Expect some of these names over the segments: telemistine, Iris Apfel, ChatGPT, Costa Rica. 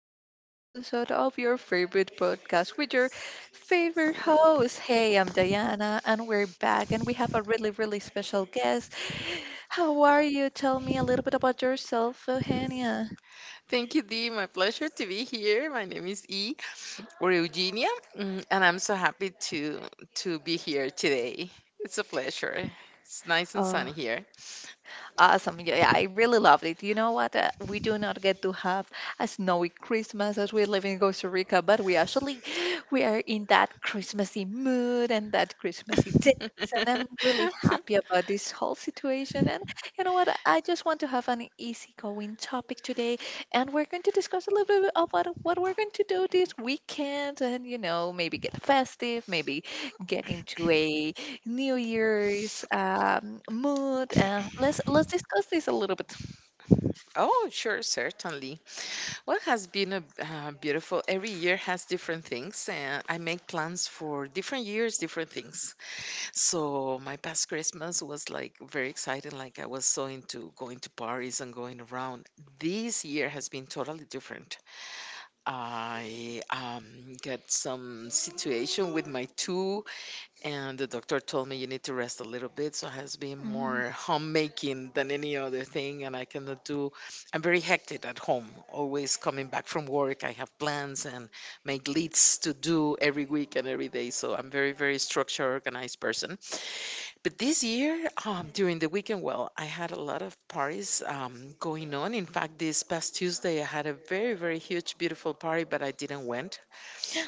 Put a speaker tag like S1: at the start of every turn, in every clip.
S1: for another episode of your favorite podcast with your favorite host. Hey, I'm Diana, and we're back, and we have a really, really special guest. How are you? Tell me a little bit about yourself, Eugenia.
S2: Thank you, Dee. My pleasure to be here. My name is E or Eugenia, and I'm so happy to be here today. It's a pleasure. It's nice and sunny here.
S1: Awesome. Yeah, yeah, I really loved it. You know what? We do not get to have a snowy Christmas as we live in Costa Rica, but we are in that Christmassy mood and that Christmassy days. And I'm really happy about this whole situation. And you know what? I just want to have an easygoing topic today, and we're going to discuss a little bit about what we're going to do this weekend, and, you know, maybe get festive, maybe get into a New Year's mood. Let's discuss this a little bit.
S2: Oh, sure, certainly. Well, has been a beautiful. Every year has different things, and I make plans for different years, different things. So my past Christmas was like very exciting. Like I was so into going to parties and going around. This year has been totally different. I got some situation with my tooth, and the doctor told me you need to rest a little bit. So it has been
S1: Mm.
S2: more homemaking than any other thing, and I cannot do. I'm very hectic at home. Always coming back from work, I have plans and make lists to do every week and every day. So I'm very structured, organized person but this year, during the weekend, well, I had a lot of parties going on. In fact, this past Tuesday, I had a very, very huge, beautiful party, but I didn't went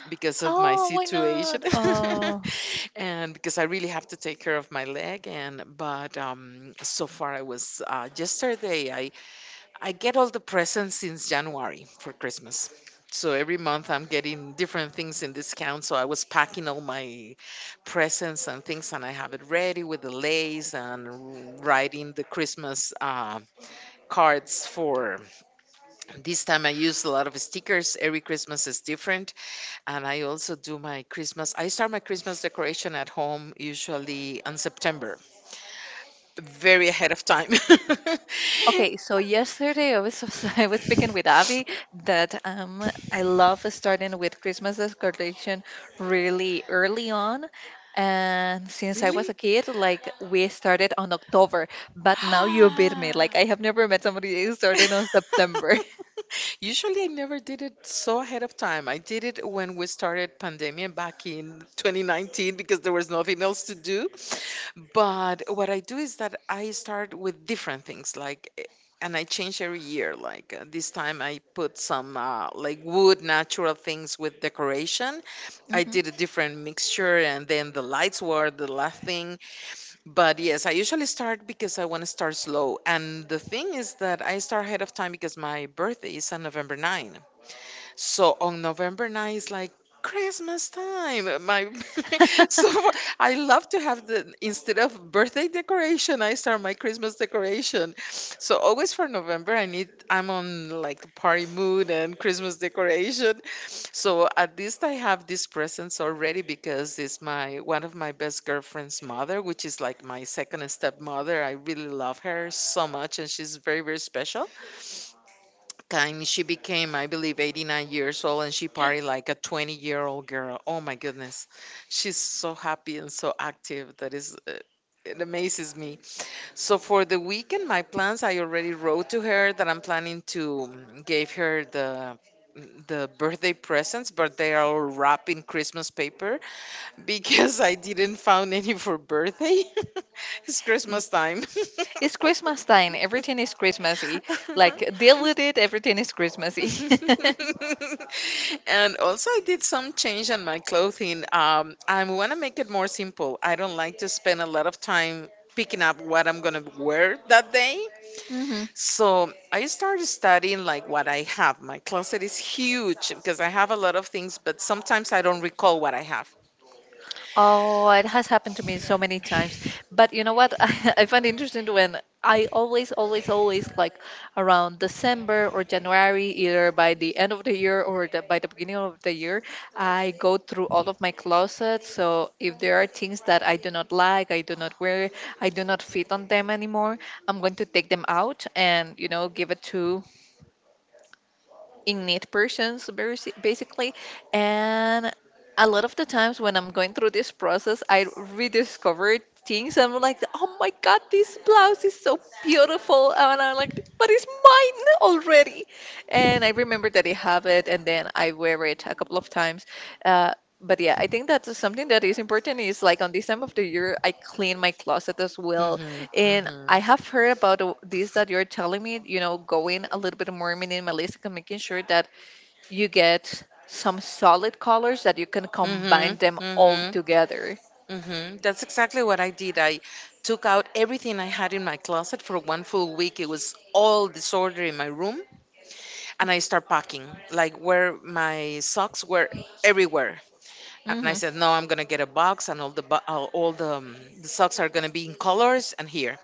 S2: because of my
S1: Oh, why
S2: situation,
S1: not? Oh,
S2: and because I really have to take care of my leg. And but so far, I was yesterday. I get all the presents since January for Christmas. So every month I'm getting different things in discount. So I was packing all my presents and things, and I have it ready with the lace and writing the Christmas cards for this time. I use a lot of stickers. Every Christmas is different, and I also do my Christmas. I start my Christmas decoration at home usually in September, very ahead of time.
S1: okay. So yesterday I was I was speaking with Avi that I love starting with Christmas decoration really early on, and since I was a
S2: Really?
S1: kid, like we started on October, but now you beat me. Like I have never met somebody who started on September.
S2: Usually, I never did it so ahead of time. I did it when we started pandemic back in 2019 because there was nothing else to do. But what I do is that I start with different things, like, and I change every year. Like this time, I put some like wood natural things with decoration. I
S1: Hmm.
S2: did a different mixture, and then the lights were the last thing. But yes, I usually start because I want to start slow. And the thing is that I start ahead of time because my birthday is on November 9. So on November 9 is like Christmas time. My so I love to have the instead of birthday decoration, I start my Christmas decoration. So always for November, I'm on like a party mood and Christmas decoration. So at least I have these presents already because it's my one of my best girlfriend's mother, which is like my second stepmother. I really love her so much, and she's very special. And she became, I believe, 89 years old and she partied like a 20-year-old girl. Oh my goodness. She's so happy and so active. That is, it amazes me. So for the weekend, my plans, I already wrote to her that I'm planning to give her the birthday presents but they are all wrapped in christmas paper because I didn't found any for birthday it's christmas time
S1: It's Christmas time. Everything is Christmassy. Like deal with it. Everything is Christmassy.
S2: and also I did some change on my clothing I want to make it more simple. I don't like to spend a lot of time picking up what I'm going to wear that day.
S1: Hmm.
S2: So I started studying like what I have. My closet is huge because I have a lot of things but sometimes I don't recall what I have.
S1: Oh, it has happened to me so many times. But you know what? I find interesting when I always, always, always, like around December or January, either by the end of the year or by the beginning of the year, I go through all of my closets. So if there are things that I do not like, I do not wear, I do not fit on them anymore, I'm going to take them out and, you know, give it to in need persons, basically. And a lot of the times when I'm going through this process, I rediscover things and I'm like, oh my god, this blouse is so beautiful, and I'm like, but it's mine already, and I remember that I have it, and then I wear it a couple of times. uh, but yeah, I think that's something that is important, is like on this time of the year I clean my closet as well.
S2: Hmm.
S1: And
S2: Hmm.
S1: I have heard about this that you're telling me, you know, going a little bit more minimalistic and making sure that you get some solid colors that you can
S2: Hmm.
S1: combine them
S2: Hmm.
S1: all
S2: Hmm.
S1: together.
S2: That's exactly what I did. I took out everything I had in my closet for one full week. It was all disorder in my room. And I start packing, like where my socks were everywhere. And I
S1: Hmm.
S2: said, no, I'm gonna get a box, and all the bo- all the socks are gonna be in colors and here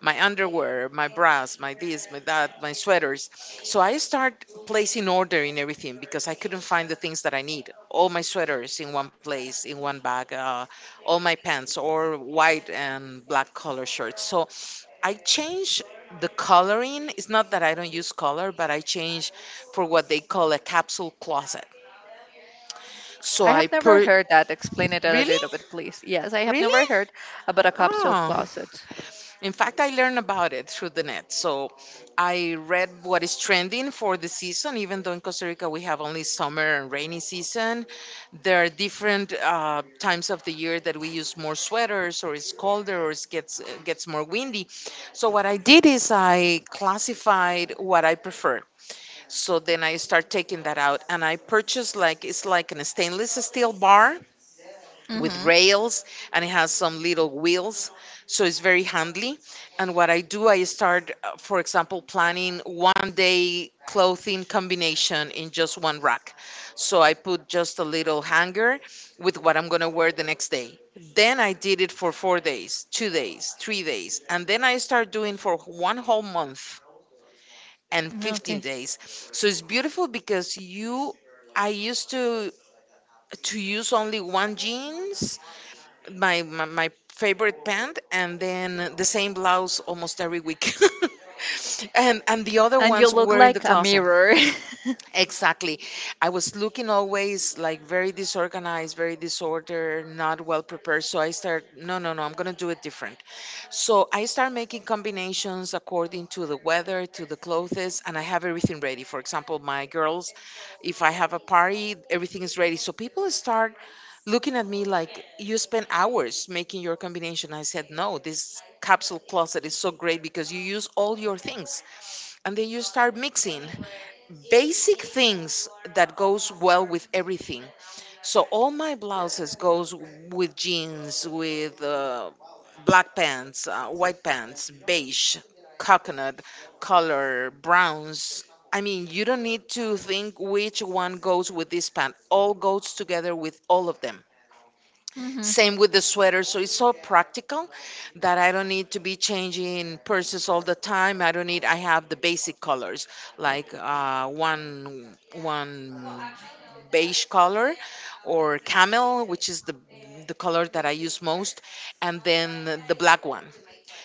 S2: my underwear, my bras, my this, my that, my sweaters. So I start placing order in everything because I couldn't find the things that I need. All my sweaters in one place, in one bag, all my pants, or white and black color shirts. So I change the coloring. It's not that I don't use color, but I change for what they call a capsule closet. So
S1: I
S2: I
S1: have never
S2: per
S1: heard that. Explain it a
S2: Really,
S1: little bit, please. Yes, I have never
S2: really.
S1: heard about a capsule
S2: Oh.
S1: closet.
S2: In fact, I learned about it through the net. So I read what is trending for the season, even though in Costa Rica we have only summer and rainy season. There are different times of the year that we use more sweaters, or it's colder, or it gets more windy. So what I did is I classified what I prefer. So then I start taking that out and I purchased like, it's like a stainless steel bar with
S1: Hmm.
S2: rails and it has some little wheels, so it's very handy. And what I do, I start for example planning one day clothing combination in just one rack. So I put just a little hanger with what I'm going to wear the next day. Then I did it for 4 days, 2 days, 3 days, and then I start doing for one whole month and 15
S1: Okay.
S2: days. So it's beautiful because you I used to use only one jeans, my favorite pant, and then the same blouse almost every week. And the other
S1: And you
S2: ones
S1: look
S2: were in the
S1: like a
S2: closet.
S1: mirror.
S2: Exactly. I was looking always like very disorganized, very disordered, not well prepared. So I start, no, no, no, I'm gonna do it different. So I start making combinations according to the weather, to the clothes, and I have everything ready. For example, my girls, if I have a party, everything is ready. So people start looking at me like, you spend hours making your combination. I said, no, this capsule closet is so great because you use all your things. And then you start mixing basic things that goes well with everything so all my blouses goes with jeans, with black pants, white pants, beige, coconut color, browns. I mean, you don't need to think which one goes with this pant. All goes together with all of them.
S1: Hmm,
S2: Same with the sweater. So it's so practical that I don't need to be changing purses all the time. I don't need. I have the basic colors like one beige color or camel, which is the color that I use most, and then the black one.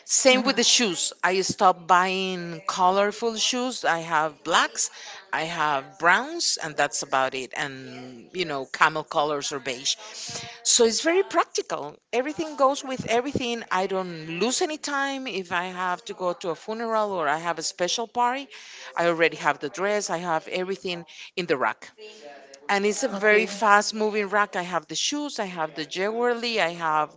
S2: Same with
S1: hmm.
S2: the shoes. I stopped buying colorful shoes. I have blacks, I have browns, and that's about it. And, you know, camel colors or beige. So it's very practical. Everything goes with everything. I don't lose any time. If I have to go to a funeral or I have a special party, I already have the dress, I have everything in the rack. And it's a very
S1: Okay.
S2: fast moving rack. I have the shoes, I have the jewelry, I have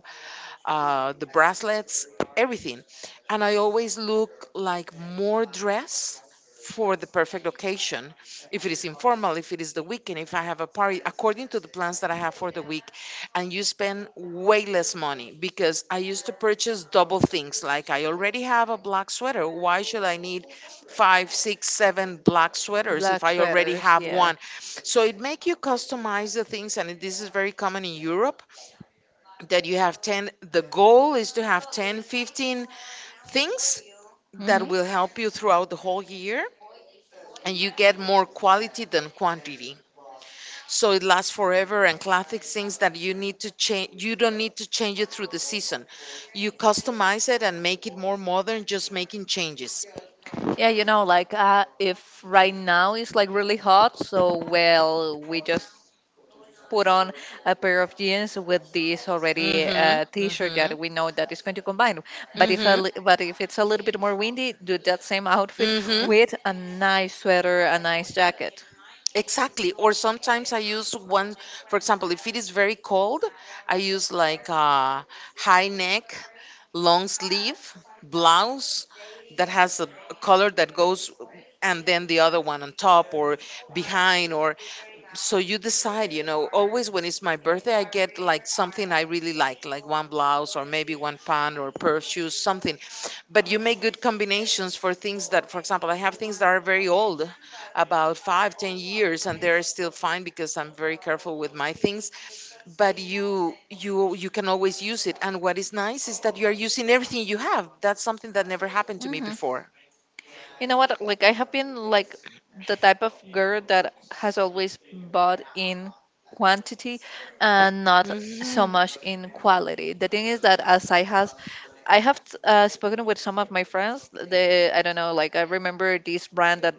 S2: the bracelets, everything. And I always look like more dress for the perfect occasion. If it is informal, if it is the weekend, if I have a party, according to the plans that I have for the week. And you spend way less money because I used to purchase double things. Like I already have a black sweater. Why should I need five, six, seven black sweaters if
S1: Black
S2: I already
S1: sweaters,
S2: have
S1: yeah.
S2: one? So it make you customize the things, and this is very common in Europe that you have 10. The goal is to have 10, 15 things that will
S1: Hmm.
S2: help you throughout the whole year and you get more quality than quantity so it lasts forever, and classic things that you need to change, you don't need to change it through the season. You customize it and make it more modern just making changes.
S1: Yeah, you know, like, if right now it's like really hot, so well, we just put on a pair of jeans with this already
S2: Mhm.
S1: t-shirt
S2: Mhm.
S1: that we know that is going to combine. But if a,
S2: Mhm.
S1: but if it's a little bit more windy, do that same outfit
S2: Mhm.
S1: with a nice sweater, a nice jacket.
S2: Exactly. Or sometimes I use one, for example, if it is very cold, I use like a high neck, long sleeve blouse that has a color that goes, and then the other one on top or behind or so you decide, always when it's my birthday I get like something I really like one blouse or maybe one pant or pair of shoes something. But you make good combinations for things that for example I have things that are very old about 5, 10 years and they're still fine because I'm very careful with my things but you can always use it. And what is nice is that you are using everything you have. That's something that never happened to me
S1: Hmm.
S2: before.
S1: You know what? Like, I have been like the type of girl that has always bought in quantity and not so
S2: Hmm.
S1: much in quality. The thing is that as I have spoken with some of my friends. They, I don't know, like I remember this brand that,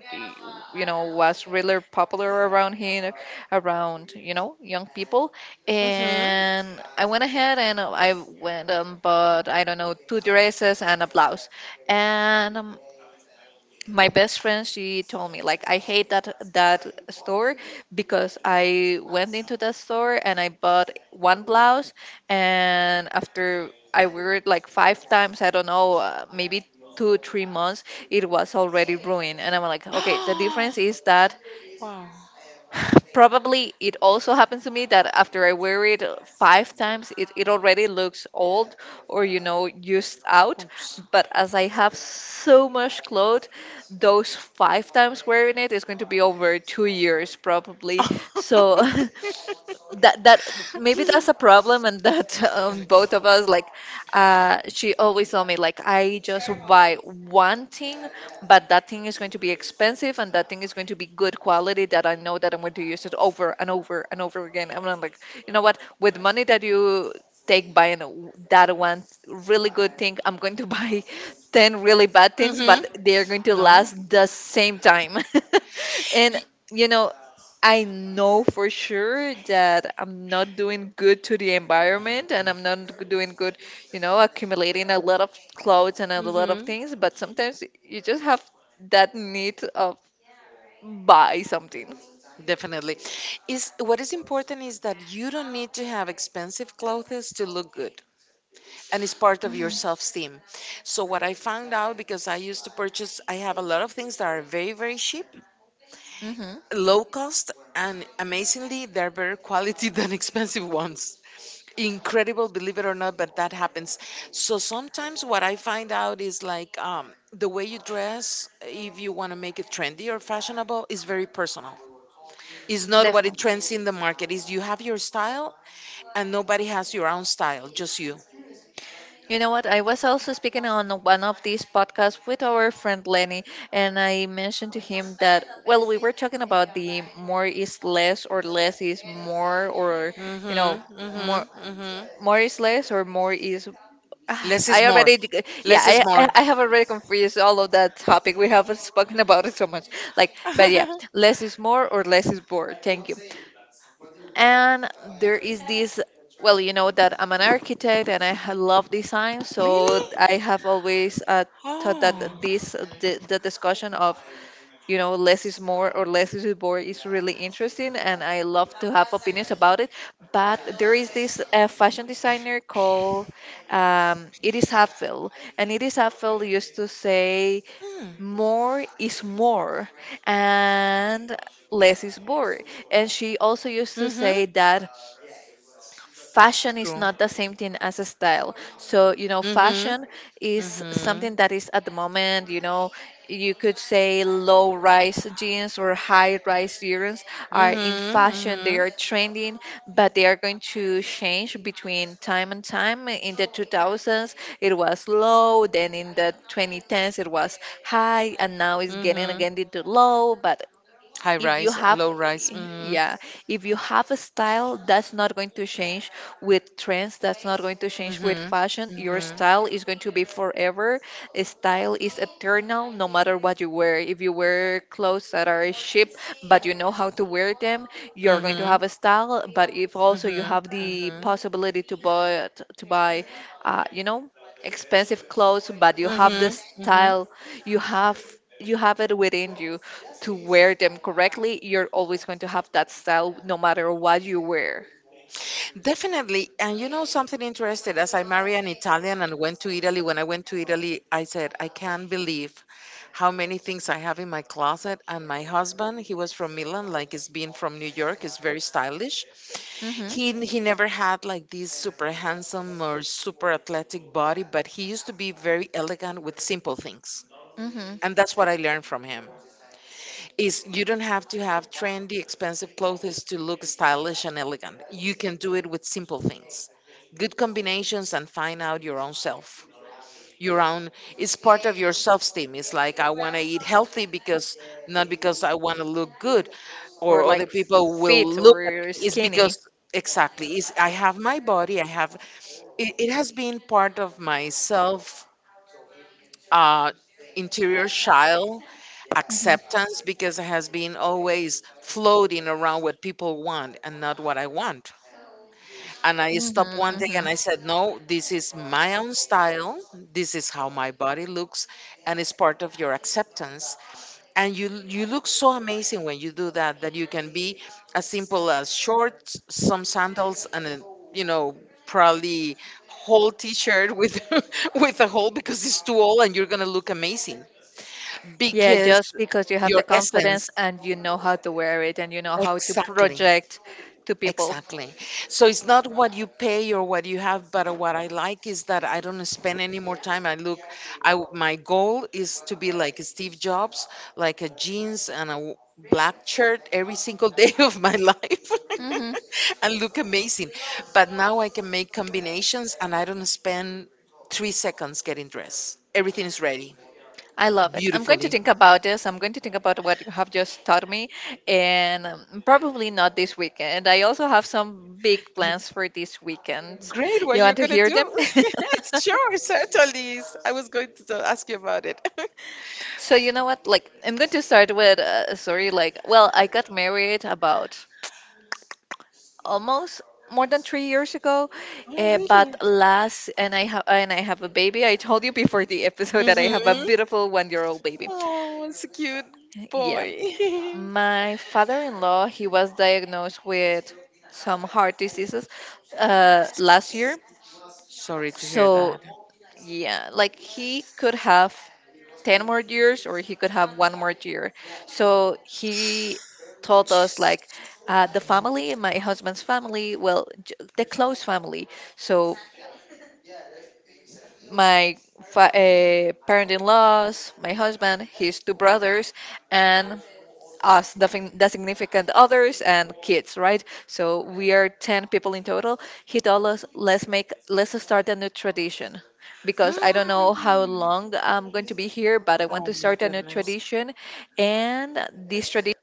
S1: you know, was really popular around here, around, you know, young people.
S2: Hmm.
S1: And I went ahead and I went and bought, I don't know, two dresses and a blouse, and my best friend, she told me like, I hate that store because I went into that store and I bought one blouse, and after I wear it like five times, I don't know, maybe 2 3 months, it was already ruined. And I'm like, okay, the difference is that
S2: Wow.
S1: probably it also happens to me that after I wear it five times, it already looks old or, you know, used out.
S2: Oops.
S1: But as I have so much clothes, those five times wearing it is going to be over 2 years probably. So that maybe that's a problem. And that both of us like, she always told me like, I just buy one thing, but that thing is going to be expensive and that thing is going to be good quality, that I know that I'm going to use it over and over and over again. I'm not like, you know what, with money that you take buying that one really good thing, I'm going to buy 10 really bad things, but
S2: Mhm.
S1: they're going to
S2: No.
S1: last the same time. And, you know, I know for sure that I'm not doing good to the environment and I'm not doing good, you know, accumulating a lot of clothes and a lot of
S2: Mhm.
S1: things, but sometimes you just have that need of buy something.
S2: Definitely. Is what is important is that you don't need to have expensive clothes to look good. And it's part of your
S1: Mm-hmm.
S2: self-esteem. So what I found out, because I used to purchase, I have a lot of things that are very very cheap,
S1: Mm-hmm.
S2: low cost, and amazingly they're better quality than expensive ones. Incredible, believe it or not, but that happens. So sometimes what I find out is like, the way you dress, if you want to make it trendy or fashionable, is very personal. It's not what it
S1: Definitely.
S2: trends in the market, is you have your style, and nobody has your own style, just you.
S1: You know what? I was also speaking on one of these podcasts with our friend Lenny, and I mentioned to him that, well, we were talking about the more is less or less is more, or, you know,
S2: mm-hmm mm-hmm
S1: more.
S2: mm-hmm
S1: More is less, or more is... Ah,
S2: Less is
S1: I
S2: more.
S1: already, yeah,
S2: Less is
S1: I, I
S2: more.
S1: I have already confused all of that topic. We have spoken about it so much. Like, but yeah, less is more or less is more. Thank you. And there is this, well, you know that I'm an architect and I love design, so I
S2: Really.
S1: have always thought
S2: Oh.
S1: that the discussion of, you know, less is more or less is more is really interesting, and I love to have opinions about it. But there is this fashion designer called Iris Apfel, and Iris Apfel used to say
S2: Hmm.
S1: more is more and less is more. And she also used to say
S2: Mm-hmm.
S1: that fashion is
S2: True.
S1: not the same thing as a style. So, you know,
S2: mm-hmm
S1: fashion is
S2: mm-hmm
S1: something that is at the moment. You know, you could say low rise jeans or high rise jeans are in fashion. They
S2: mm-hmm
S1: are trending, but they are going to change between time and time. In the 2000s, it was low, then in the 2010s, it was high, and now it's getting
S2: mm-hmm
S1: again into low. But
S2: High
S1: if you
S2: rise,
S1: have,
S2: low rise. Mhm.
S1: yeah, if you have a style, that's not going to change with trends, that's not going to change with
S2: Mhm.
S1: fashion. Your
S2: Mhm.
S1: style is going to be forever. A style is eternal. No matter what you wear, if you wear clothes that are cheap but you know how to wear them, you're going to
S2: Mhm.
S1: have a style. But if also you
S2: Mhm.
S1: have the
S2: Mhm.
S1: possibility to buy to buy you know, expensive clothes, but you have
S2: Mhm.
S1: the
S2: Mhm.
S1: style, you have, you have it within you to wear them correctly, you're always going to have that style no matter what you wear.
S2: Definitely. And you know something interesting? As I marry an Italian and went to Italy, when I went to Italy, I said, I can't believe how many things I have in my closet. And my husband, he was from Milan, like he's been from New York, is very stylish.
S1: Mhm.
S2: He never had like this super handsome or super athletic body, but he used to be very elegant with simple things.
S1: Mhm.
S2: And that's what I learned from him. Is, you don't have to have trendy expensive clothes to look stylish and elegant. You can do it with simple things. Good combinations, and find out your own self. Your own is part of your self-esteem. It's like, I want to eat healthy because, not because I want to look good
S1: Or
S2: or other
S1: like
S2: people will
S1: fit
S2: look at me.
S1: or
S2: It's
S1: skinny.
S2: because, exactly, is I have my body, I have it, has been part of myself, uh, interior child
S1: Mhm.
S2: acceptance, because it has been always floating around what people want and not what I want. And I stopped
S1: Mhm.
S2: one day and
S1: Mhm.
S2: I said, No, this is my own style. This is how my body looks, and it's part of your acceptance. And you look so amazing when you do that, that you can be as simple as shorts, some sandals, and a, you know probably whole t-shirt with with a hole because it's too old, and you're gonna look amazing
S1: Yeah,
S2: because
S1: just because you have the
S2: your essence.
S1: confidence and you know how to wear it and you know how to
S2: Exactly.
S1: project to people.
S2: Exactly. So it's not what you pay or what you have, but what I like is that I don't spend any more time. I look, I, my goal is to be like Steve Jobs, like a jeans and a w- black shirt every single day of my life.
S1: Mhm.
S2: And look amazing. But now I can make combinations and I don't spend 3 seconds getting dressed, everything is ready.
S1: I love it. I'm going to
S2: Beautifully.
S1: think about this. I'm going to think about what you have just taught me, and probably not this weekend. I also have some big plans for this weekend.
S2: Great, what
S1: You
S2: you're
S1: want to
S2: gonna
S1: hear them?
S2: do? Sure, certainly. I was going to ask you about it.
S1: So you know what? Like, I'm going to start with a story. Like, well, I got married about almost more than 3 years ago,
S2: Oh,
S1: but
S2: really?
S1: last and I have a baby. I told you before the episode that I have a
S2: Mm-hmm.
S1: beautiful one-year-old baby.
S2: Oh, it's a cute
S1: Yeah,
S2: boy.
S1: my father-in-law, he was diagnosed with some heart diseases last year.
S2: Sorry to hear
S1: So
S2: that.
S1: yeah, like he could have 10 more years or he could have one more year. So he told us, like, the family, my husband's family, well, the close family. So my parent in laws, my husband, his two brothers, and us, the significant others, and kids, right? So we are 10 people in total. He told us, let's make, let's start a new tradition, because I don't know how long I'm going to be here, but I want
S2: Oh
S1: to
S2: my
S1: start a new
S2: goodness.
S1: tradition. And this tradition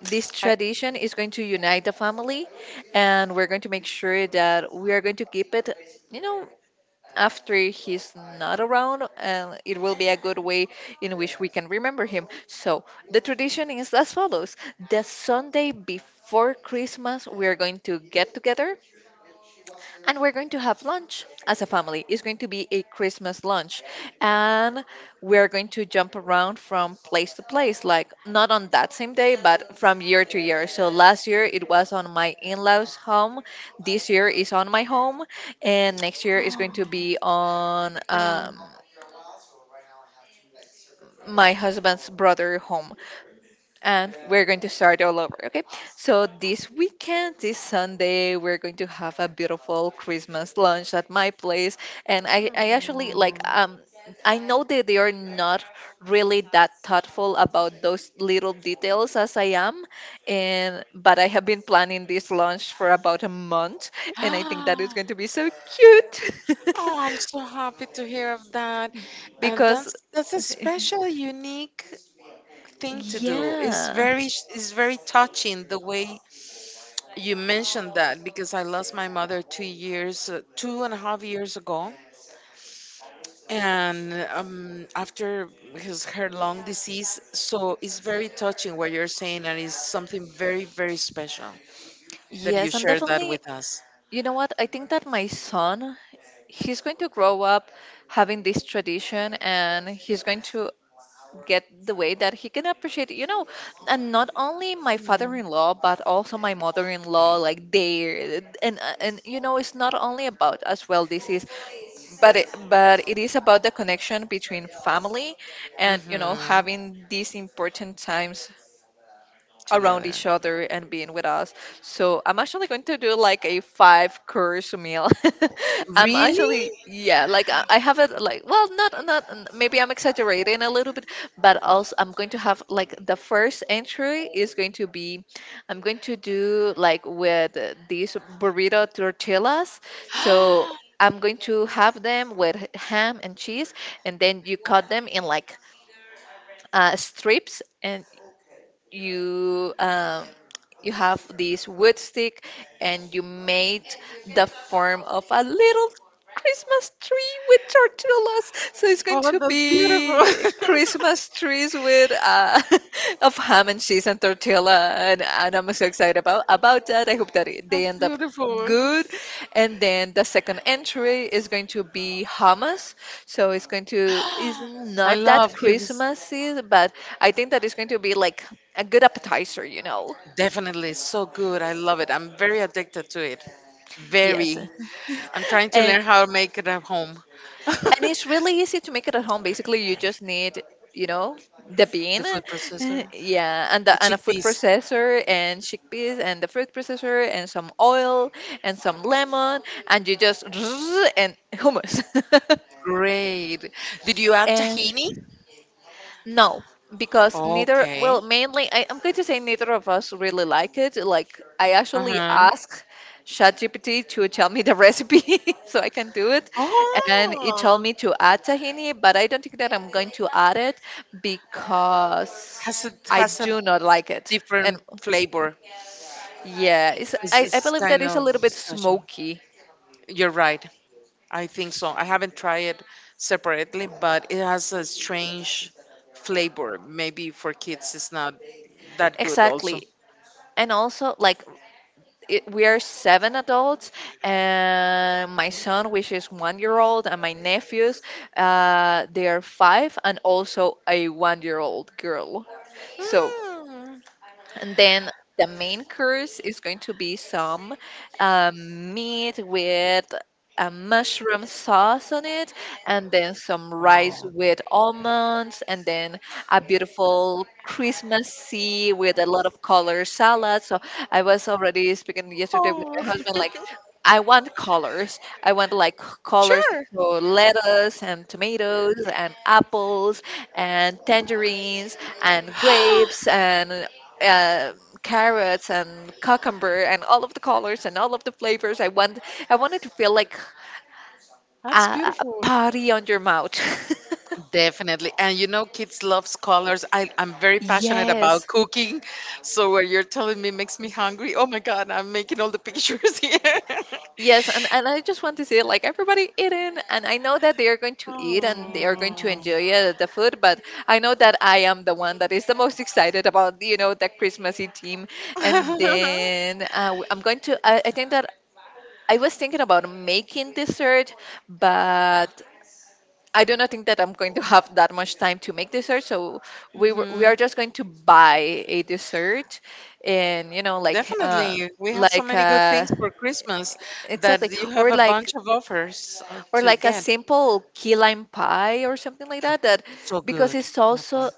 S1: this
S2: I.
S1: tradition is going to unite the family, and we're going to make sure that we are going to keep it, you know, after he's not around, and it will be a good way in which we can remember him. So the tradition is as follows: the Sunday before Christmas, we are going to get together and we're going to have lunch as a family. It's going to be a Christmas lunch, and we're going to jump around from place to place, like not on that same day, but from year to year. So last year it was on my in laws' home, this year is on my home, and next year is going to be on my husband's brother home. And we're going to start all over. Okay. So this weekend, this Sunday, we're going to have a beautiful Christmas lunch at my place. And I actually like I know that they are not really that thoughtful about those little details as I am. And but I have been planning this lunch for about a month, and I think that is going to be so cute.
S2: Oh, I'm so happy to hear of that. And
S1: Because
S2: that's a special, unique thing to do. It's
S1: yeah.
S2: very, it's very touching the way you mentioned that, because I lost my mother 2 years, two and a half years ago, and after his her long disease. So it's very touching what you're saying, and it's something very, very special that you
S1: Yes, and
S2: share that
S1: definitely
S2: with us.
S1: you know what? I think that my son, he's going to grow up having this tradition, and he's going to get the way that he can appreciate it, you know, and not only my father-in-law but also my mother-in-law, like they and you know it's not only about as well this is, but it is about the connection between family, and you know,
S2: Mm-hmm.
S1: having these important times around
S2: Together.
S1: each other and being with us. So I'm actually going to do like a five course meal. I'm actually,
S2: Really?
S1: yeah, like I have it like, well, not maybe I'm exaggerating a little bit, but also I'm going to have like the first entry is going to be, I'm going to do like with these burrito tortillas. So I'm going to have them with ham and cheese, and then you cut them in like strips, and you you have this wood stick and you made the form of a little Christmas tree with tortillas. So it's going
S2: Oh,
S1: to
S2: that's beautiful.
S1: be Christmas trees with of ham and cheese and tortilla, and I'm so excited about that. I hope that it,
S2: That's
S1: they end up
S2: beautiful.
S1: good. And then the second entry is going to be hummus, so it's going to is
S2: I
S1: not
S2: love
S1: that
S2: him.
S1: christmassy, but I think that it's going to be like a good appetizer, you know.
S2: Definitely so good. I love it. I'm very addicted to it.
S1: Yes.
S2: Very. I'm trying to
S1: and
S2: learn how to make it at home.
S1: and
S2: The
S1: it's really easy to make it at home. Basically, you just need, you know, the bean,
S2: food processor,
S1: yeah, and the,
S2: the
S1: and a food
S2: chickpeas.
S1: processor and chickpeas and the fruit processor and some oil and some lemon, and you just and hummus.
S2: Great. Did you add
S1: and
S2: tahini?
S1: No, because neither,
S2: Okay.
S1: well, mainly, I'm going to say neither of us really like it. Like, I
S2: Uh
S1: actually
S2: huh.
S1: asked ChatGPT to tell me the recipe so I can do it. And it told
S2: Oh,
S1: me to add tahini, but I don't think that I'm going to add it because
S2: has a,
S1: I
S2: has a
S1: do not like it. And
S2: different flavor.
S1: yeah, it's, I
S2: It's
S1: believe that
S2: kind
S1: it's a
S2: of
S1: little bit
S2: special.
S1: smoky.
S2: You're right. I think so. I haven't tried it separately, but it has a strange flavor. Maybe for kids, it's not that good. Also.
S1: Exactly. And also, like, it, we are seven adults and my son, which is 1 year old, and my nephews, they are five, and also a 1 year old girl. So
S2: Mm.
S1: and then the main course is going to be some meat with a mushroom sauce on it, and then some rice
S2: Wow.
S1: with almonds, and then a beautiful Christmassy with a lot of color salad. So I was already speaking yesterday with
S2: Oh.
S1: my husband, like, I want colors. I want like colors,
S2: Sure.
S1: so lettuce and tomatoes and apples and tangerines and grapes and uh, carrots and cucumber and all of the colors and all of the flavors. I want, I wanted to feel like
S2: That's
S1: a
S2: beautiful.
S1: party on your mouth.
S2: Definitely. And you know, kids love colors. I'm very passionate about
S1: Yes.
S2: cooking. So what you're telling me makes me hungry. Oh my God, I'm making all the pictures here.
S1: Yes, and I just want to say like everybody eating, and I know that they are going to eat and they are going to
S2: Oh.
S1: enjoy the food, but I know that I am the one that is the most excited about, you know, the Christmassy theme, and then I'm going to, I think that I was thinking about making dessert, but I do not think that I'm going to have that much time to make dessert, so we
S2: Hmm.
S1: are just going to buy a dessert, and you know,
S2: Definitely. We have so
S1: like
S2: many good things for Christmas that
S1: exactly,
S2: you have a bunch of offers
S1: or
S2: to
S1: like a
S2: get.
S1: simple key lime pie or something like that. That
S2: So
S1: because
S2: good.
S1: it's
S2: Knappa.
S1: also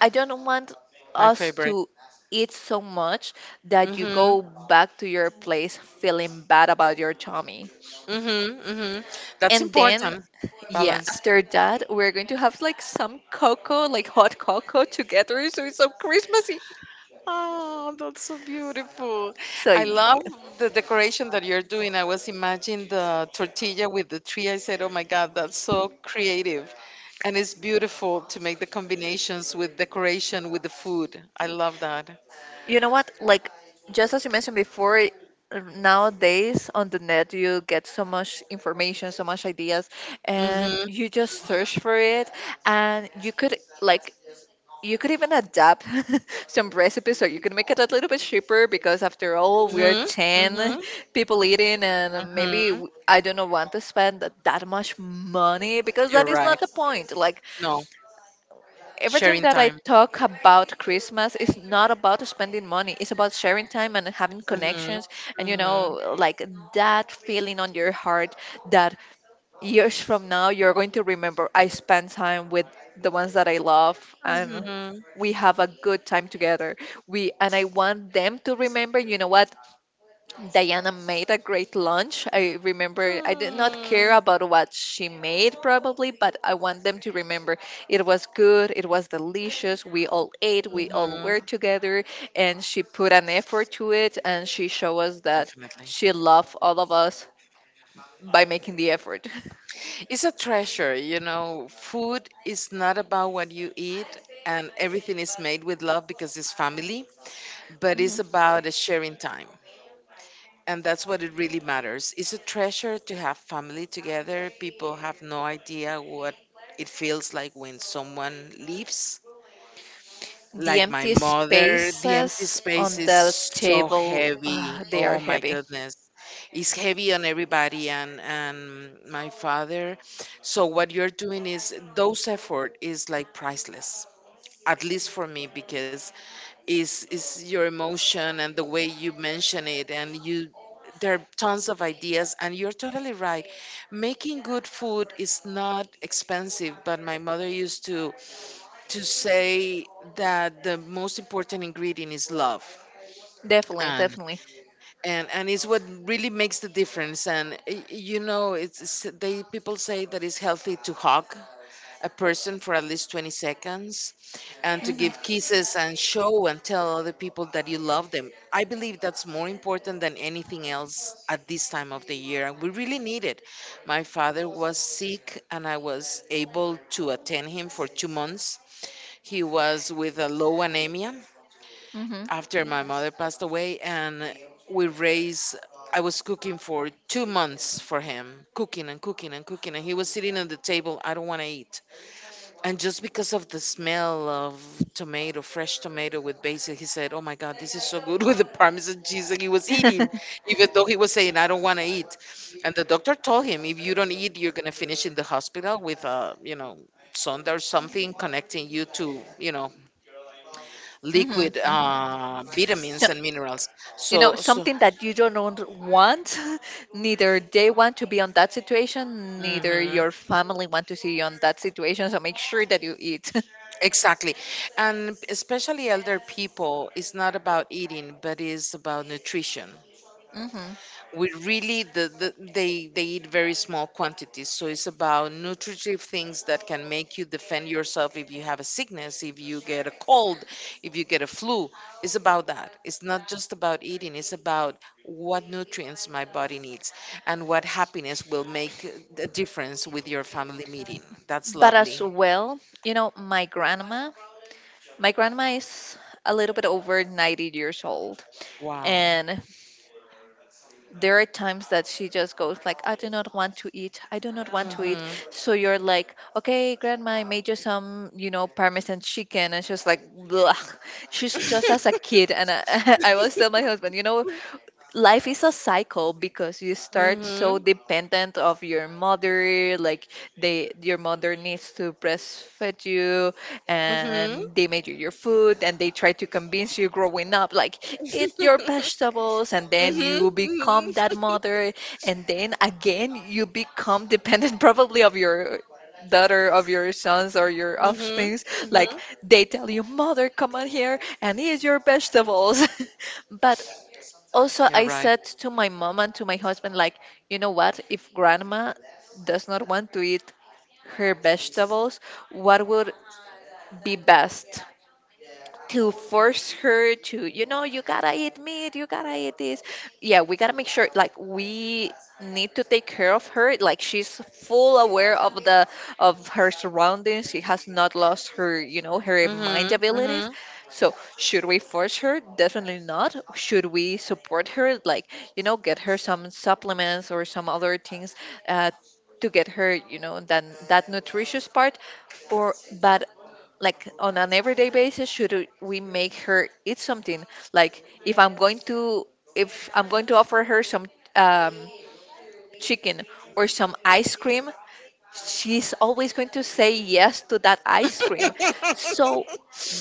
S1: I don't want
S2: My
S1: us
S2: favorite.
S1: to eat so much that you
S2: Hmm.
S1: go back to your place feeling bad about your tummy.
S2: Mm-hmm, mm-hmm. That's
S1: And then,
S2: important.
S1: yeah,
S2: Balance.
S1: after that, we're going to have like some cocoa, like hot cocoa together, so it's so Christmassy.
S2: Oh, that's so beautiful.
S1: So,
S2: I love
S1: yeah.
S2: the decoration that you're doing. I was imagining the tortilla with the tree. I said, oh my God, that's so creative. And it's beautiful to make the combinations with decoration with the food. I love that.
S1: You know what? Like, just as you mentioned before, nowadays on the net, you get so much information, so much ideas, and
S2: Mm-hmm,
S1: you just search for it, and you could like, you could even adapt some recipes, or you could make it a little bit cheaper because, after all, we're
S2: mm-hmm,
S1: 10
S2: mm-hmm,
S1: people eating, and
S2: mm-hmm.
S1: maybe I don't want to spend that much money because that
S2: You're
S1: is
S2: right.
S1: not the point. Like,
S2: No,
S1: every time
S2: sharing
S1: that I
S2: time.
S1: talk about Christmas, it's not about spending money, it's about sharing time and having
S2: Mm-hmm,
S1: connections, and you
S2: mm-hmm,
S1: know, like that feeling on your heart that years from now, you're going to remember I spent time with the ones that I love, and
S2: mm-hmm,
S1: we have a good time together. We and I want them to remember, you know what? Diana made a great lunch. I remember I did not care
S2: mm-hmm.
S1: about what she made probably, but I want them to remember it was good, it was delicious. We all ate, we all
S2: Mm-hmm.
S1: were together, and she put an effort to it, and she showed us that
S2: Definitely.
S1: she loved all of us by making the effort.
S2: It's a treasure, you know. Food is not about what you eat, and everything is made with love because it's family, but it's about a sharing time. And that's what it really matters. It's a treasure to have family together. People have no idea what it feels like when someone leaves.
S1: The
S2: Like my
S1: empty
S2: mother, the empty
S1: spaces on
S2: space is
S1: the
S2: so
S1: table,
S2: heavy.
S1: they are
S2: Oh my
S1: heavy.
S2: goodness, is heavy on everybody, and my father. So what you're doing, is those effort is like priceless, at least for me, because is your emotion and the way you mention it, and you, there are tons of ideas and you're totally right. Making good food is not expensive, but my mother used to say that the most important ingredient is love.
S1: Definitely,
S2: and
S1: definitely.
S2: and it's what really makes the difference. And y- you know, it's- they people say that it's healthy to hug a person for at least 20 seconds, and to
S1: Mhm,
S2: give kisses and show and tell other people that you love them. I believe that's more important than anything else at this time of the year, and we really need it. My father was sick, and I was able to attend him for 2 months. He was with a low anemia
S1: mhm,
S2: after my mother passed away, and we raised, I was cooking for 2 months for him, cooking and cooking and cooking, and he was sitting at the table, I don't want to eat. And just because of the smell of tomato, fresh tomato with basil, he said, oh my God, this is so good with the parmesan cheese, and he was eating even though he was saying, I don't want to eat. And the doctor told him, if you don't eat, you're going to finish in the hospital with a, you know, sonda or something connecting you to, you know,
S1: mhm,
S2: liquid
S1: mhm. So,
S2: vitamins and minerals.
S1: you know,
S2: So, so,
S1: something that you don't want, neither they want to be on that situation, neither
S2: mhm,
S1: your family want to see you on that situation. So make sure that you eat.
S2: exactly. And especially elder people, it's not about eating, but it's about nutrition.
S1: Hmm.
S2: We really, the, they eat very small quantities, so it's about nutritive things that can make you defend yourself if you have a sickness, if you get a cold, if you get a flu. It's about that, it's not just about eating, it's about what nutrients my body needs, and what happiness will make a difference with your family meeting. That's
S1: But as
S2: lovely.
S1: well, you know, my grandma is a little bit over 90 years old,
S2: Wow.
S1: and there are times that she just goes like, I do not want to eat, I do not want to eat.
S2: Mhm.
S1: So you're like, okay, grandma, I made you some, you know, parmesan chicken, and she's like, blech. She's just as a kid, and I was tell my husband, you know, life is a cycle because you start so
S2: Mhm.
S1: dependent of your mother, like they, your mother needs to breastfeed you,
S2: Mhm.
S1: and they made you your food, and they try to convince you growing up like eat your vegetables, and then
S2: Mhm.
S1: you become
S2: Mhm.
S1: that mother. And then again you become dependent probably of your daughter, of your sons, or your
S2: Mhm.
S1: offsprings,
S2: Mhm.
S1: like they tell you, mother, come on here and eat your vegetables. But also
S2: You're
S1: I
S2: right.
S1: said to my mom and to my husband, like, you know what, if grandma does not want to eat her vegetables, what would be best? To force her to, you know, you gotta eat meat, you gotta eat this? Yeah, we gotta make sure, like, we need to take care of her. Like, she's full aware of the, of her surroundings. She has not lost her, you know, her mind
S2: Mhm.
S1: abilities.
S2: Mhm.
S1: So should we force her? Definitely not. Should we support her? Like, you know, get her some supplements or some other things, uh, to get her, you know, that that nutritious part. Or but like on an everyday basis, should we make her eat something? Like, if I'm going to, if I'm going to offer her some um, chicken or some ice cream, she's always going to say yes to that ice cream. So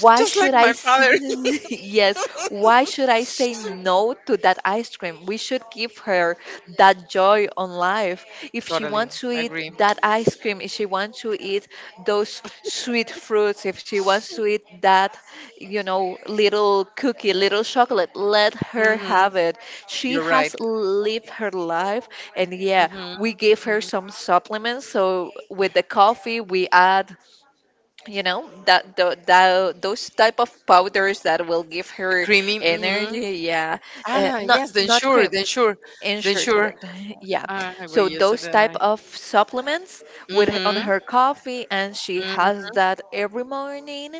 S1: why
S2: Just
S1: should
S2: like
S1: I
S2: my father.
S1: yes, why should I say no to that ice cream? We should give her that joy on life. If she
S2: Totally.
S1: wants to
S2: I
S1: eat
S2: agree.
S1: that ice cream, if she wants to eat those sweet fruits, if she wants to eat that, you know, little cookie, little chocolate, let her
S2: Mhm.
S1: have it. She
S2: You're
S1: has
S2: right.
S1: lived her life, and yeah,
S2: Mhm.
S1: we give her
S2: Mhm.
S1: some supplements. So with the coffee we add, you know, that, those type of powders that will give
S2: The
S1: her
S2: creamy. Mhm.
S1: energy. Yeah,
S2: Ah,
S1: not,
S2: yes, then
S1: not
S2: sure,
S1: cream,
S2: then sure, then
S1: ensure,
S2: sure.
S1: correct. Yeah,
S2: Ah, I will
S1: so
S2: use it.
S1: those
S2: All
S1: type
S2: right.
S1: of supplements with on
S2: Mhm.
S1: her coffee, and she
S2: Mhm.
S1: has that every morning.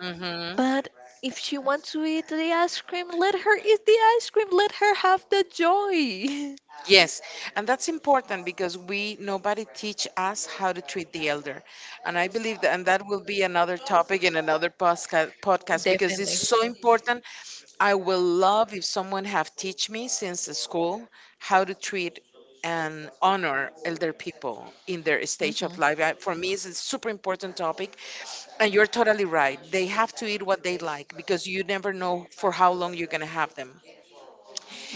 S2: Mhm.
S1: But if she wants to eat the ice cream, let her eat the ice cream, let her have the joy.
S2: Yes, and that's important, because we, nobody teach us how to treat the elder, and I believe that, and that will be another topic in another podcast podcast because it's
S1: Definitely.
S2: so important. I will love if someone have teach me since the school how to treat and honor elder people in their stage of
S1: Hmm.
S2: life. I- For me, it's a super important topic, and you're totally right. They have to eat what they like, because you never know for how long you're gonna have them.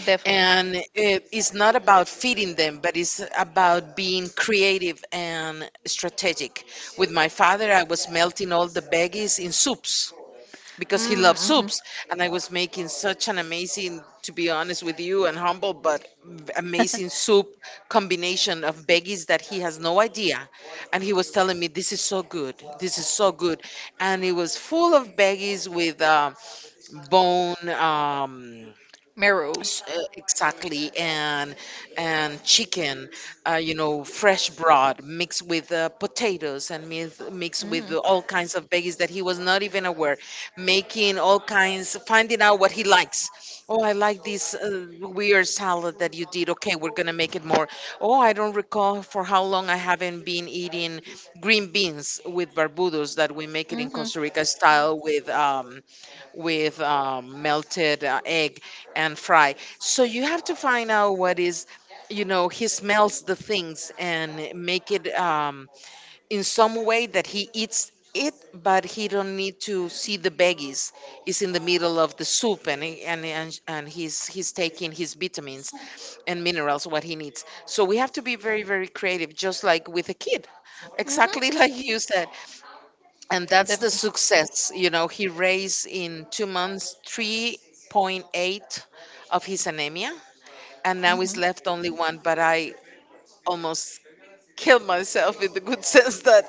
S1: Definitely.
S2: And it's not about feeding them, but it's about being creative and strategic. With my father, I was melting all the veggies in soups because he loves
S1: Mm-hmm.
S2: soups, and I was making such an amazing, to be honest with you and humble, but v- amazing soup combination of veggies that he has no idea. And he was telling me, this is so good, this is so good. And it was full of veggies with um, bone, um,
S1: Marrow.
S2: S- exactly, and chicken, you know, fresh broth mixed with potatoes and mix, mixed with
S1: Mm-hmm.
S2: all kinds of veggies that he was not even aware. Making all kinds, finding out what he likes. Oh, I like this weird salad that you did, okay, we're gonna make it more. Oh, I don't recall for how long I haven't been eating green beans with barbudos that we make it in Costa
S1: Mm-hmm.
S2: Rica style with melted egg and fry. So you have to find out what is, you know, he smells the things and make it in some way that he eats it, but he don't need to see the veggies. It's in the middle of the soup, and he- and he's taking his vitamins and minerals, what he needs. So we have to be very very creative, just like with a kid,
S1: Mm-hmm.
S2: exactly, like you said. And that's the
S1: Definitely.
S2: success. You know, he raised in 2 months 3.8 of his anemia, and now he's
S1: Mm-hmm.
S2: left only one, but I almost kill myself, in the good sense, that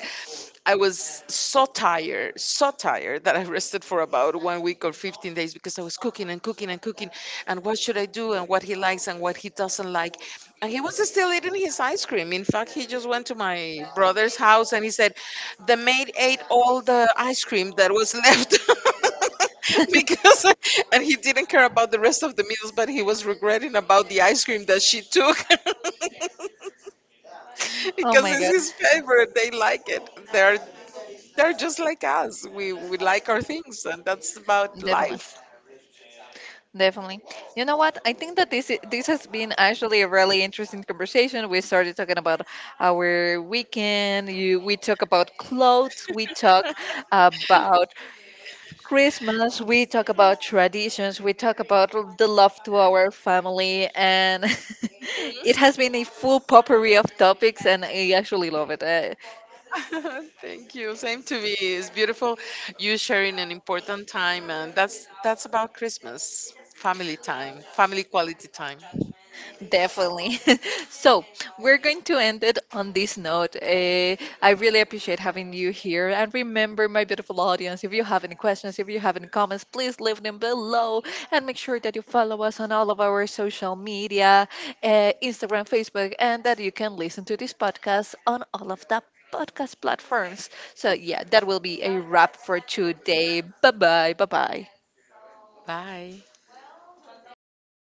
S2: I was so tired that I rested for about one week or 15 days because I was cooking and cooking and cooking. And what should I do, and what he likes, and what he doesn't like. And he was still eating his ice cream. In fact, he just went to my brother's house and he said, The maid ate all the ice cream that was left, because, and he didn't care about the rest of the meals, but he was regretting about the ice cream that she took
S1: Oh
S2: because
S1: my
S2: it's
S1: God.
S2: his favorite. They like it. They're just like us. We like our things, and that's about
S1: Definitely.
S2: life.
S1: Definitely. You know what? I think that this this has been actually a really interesting conversation. We started talking about our weekend. You, we talk about clothes. We talk about Christmas. We talk about traditions. We talk about the love to our family, and it has been a full potpourri of topics, and I actually love it.
S2: Mhm. Thank you. Same to me. It's beautiful. You sharing an important time, and that's about Christmas. Family time, family quality time.
S1: Definitely. So we're going to end it on this note. I really appreciate having you here. And remember, my beautiful audience, if you have any questions, if you have any comments, please leave them below. And make sure that you follow us on all of our social media, Instagram, Facebook, and that you can listen to this podcast on all of the podcast platforms. So, yeah, that will be a wrap for today. Bye bye. Bye bye.
S2: Bye.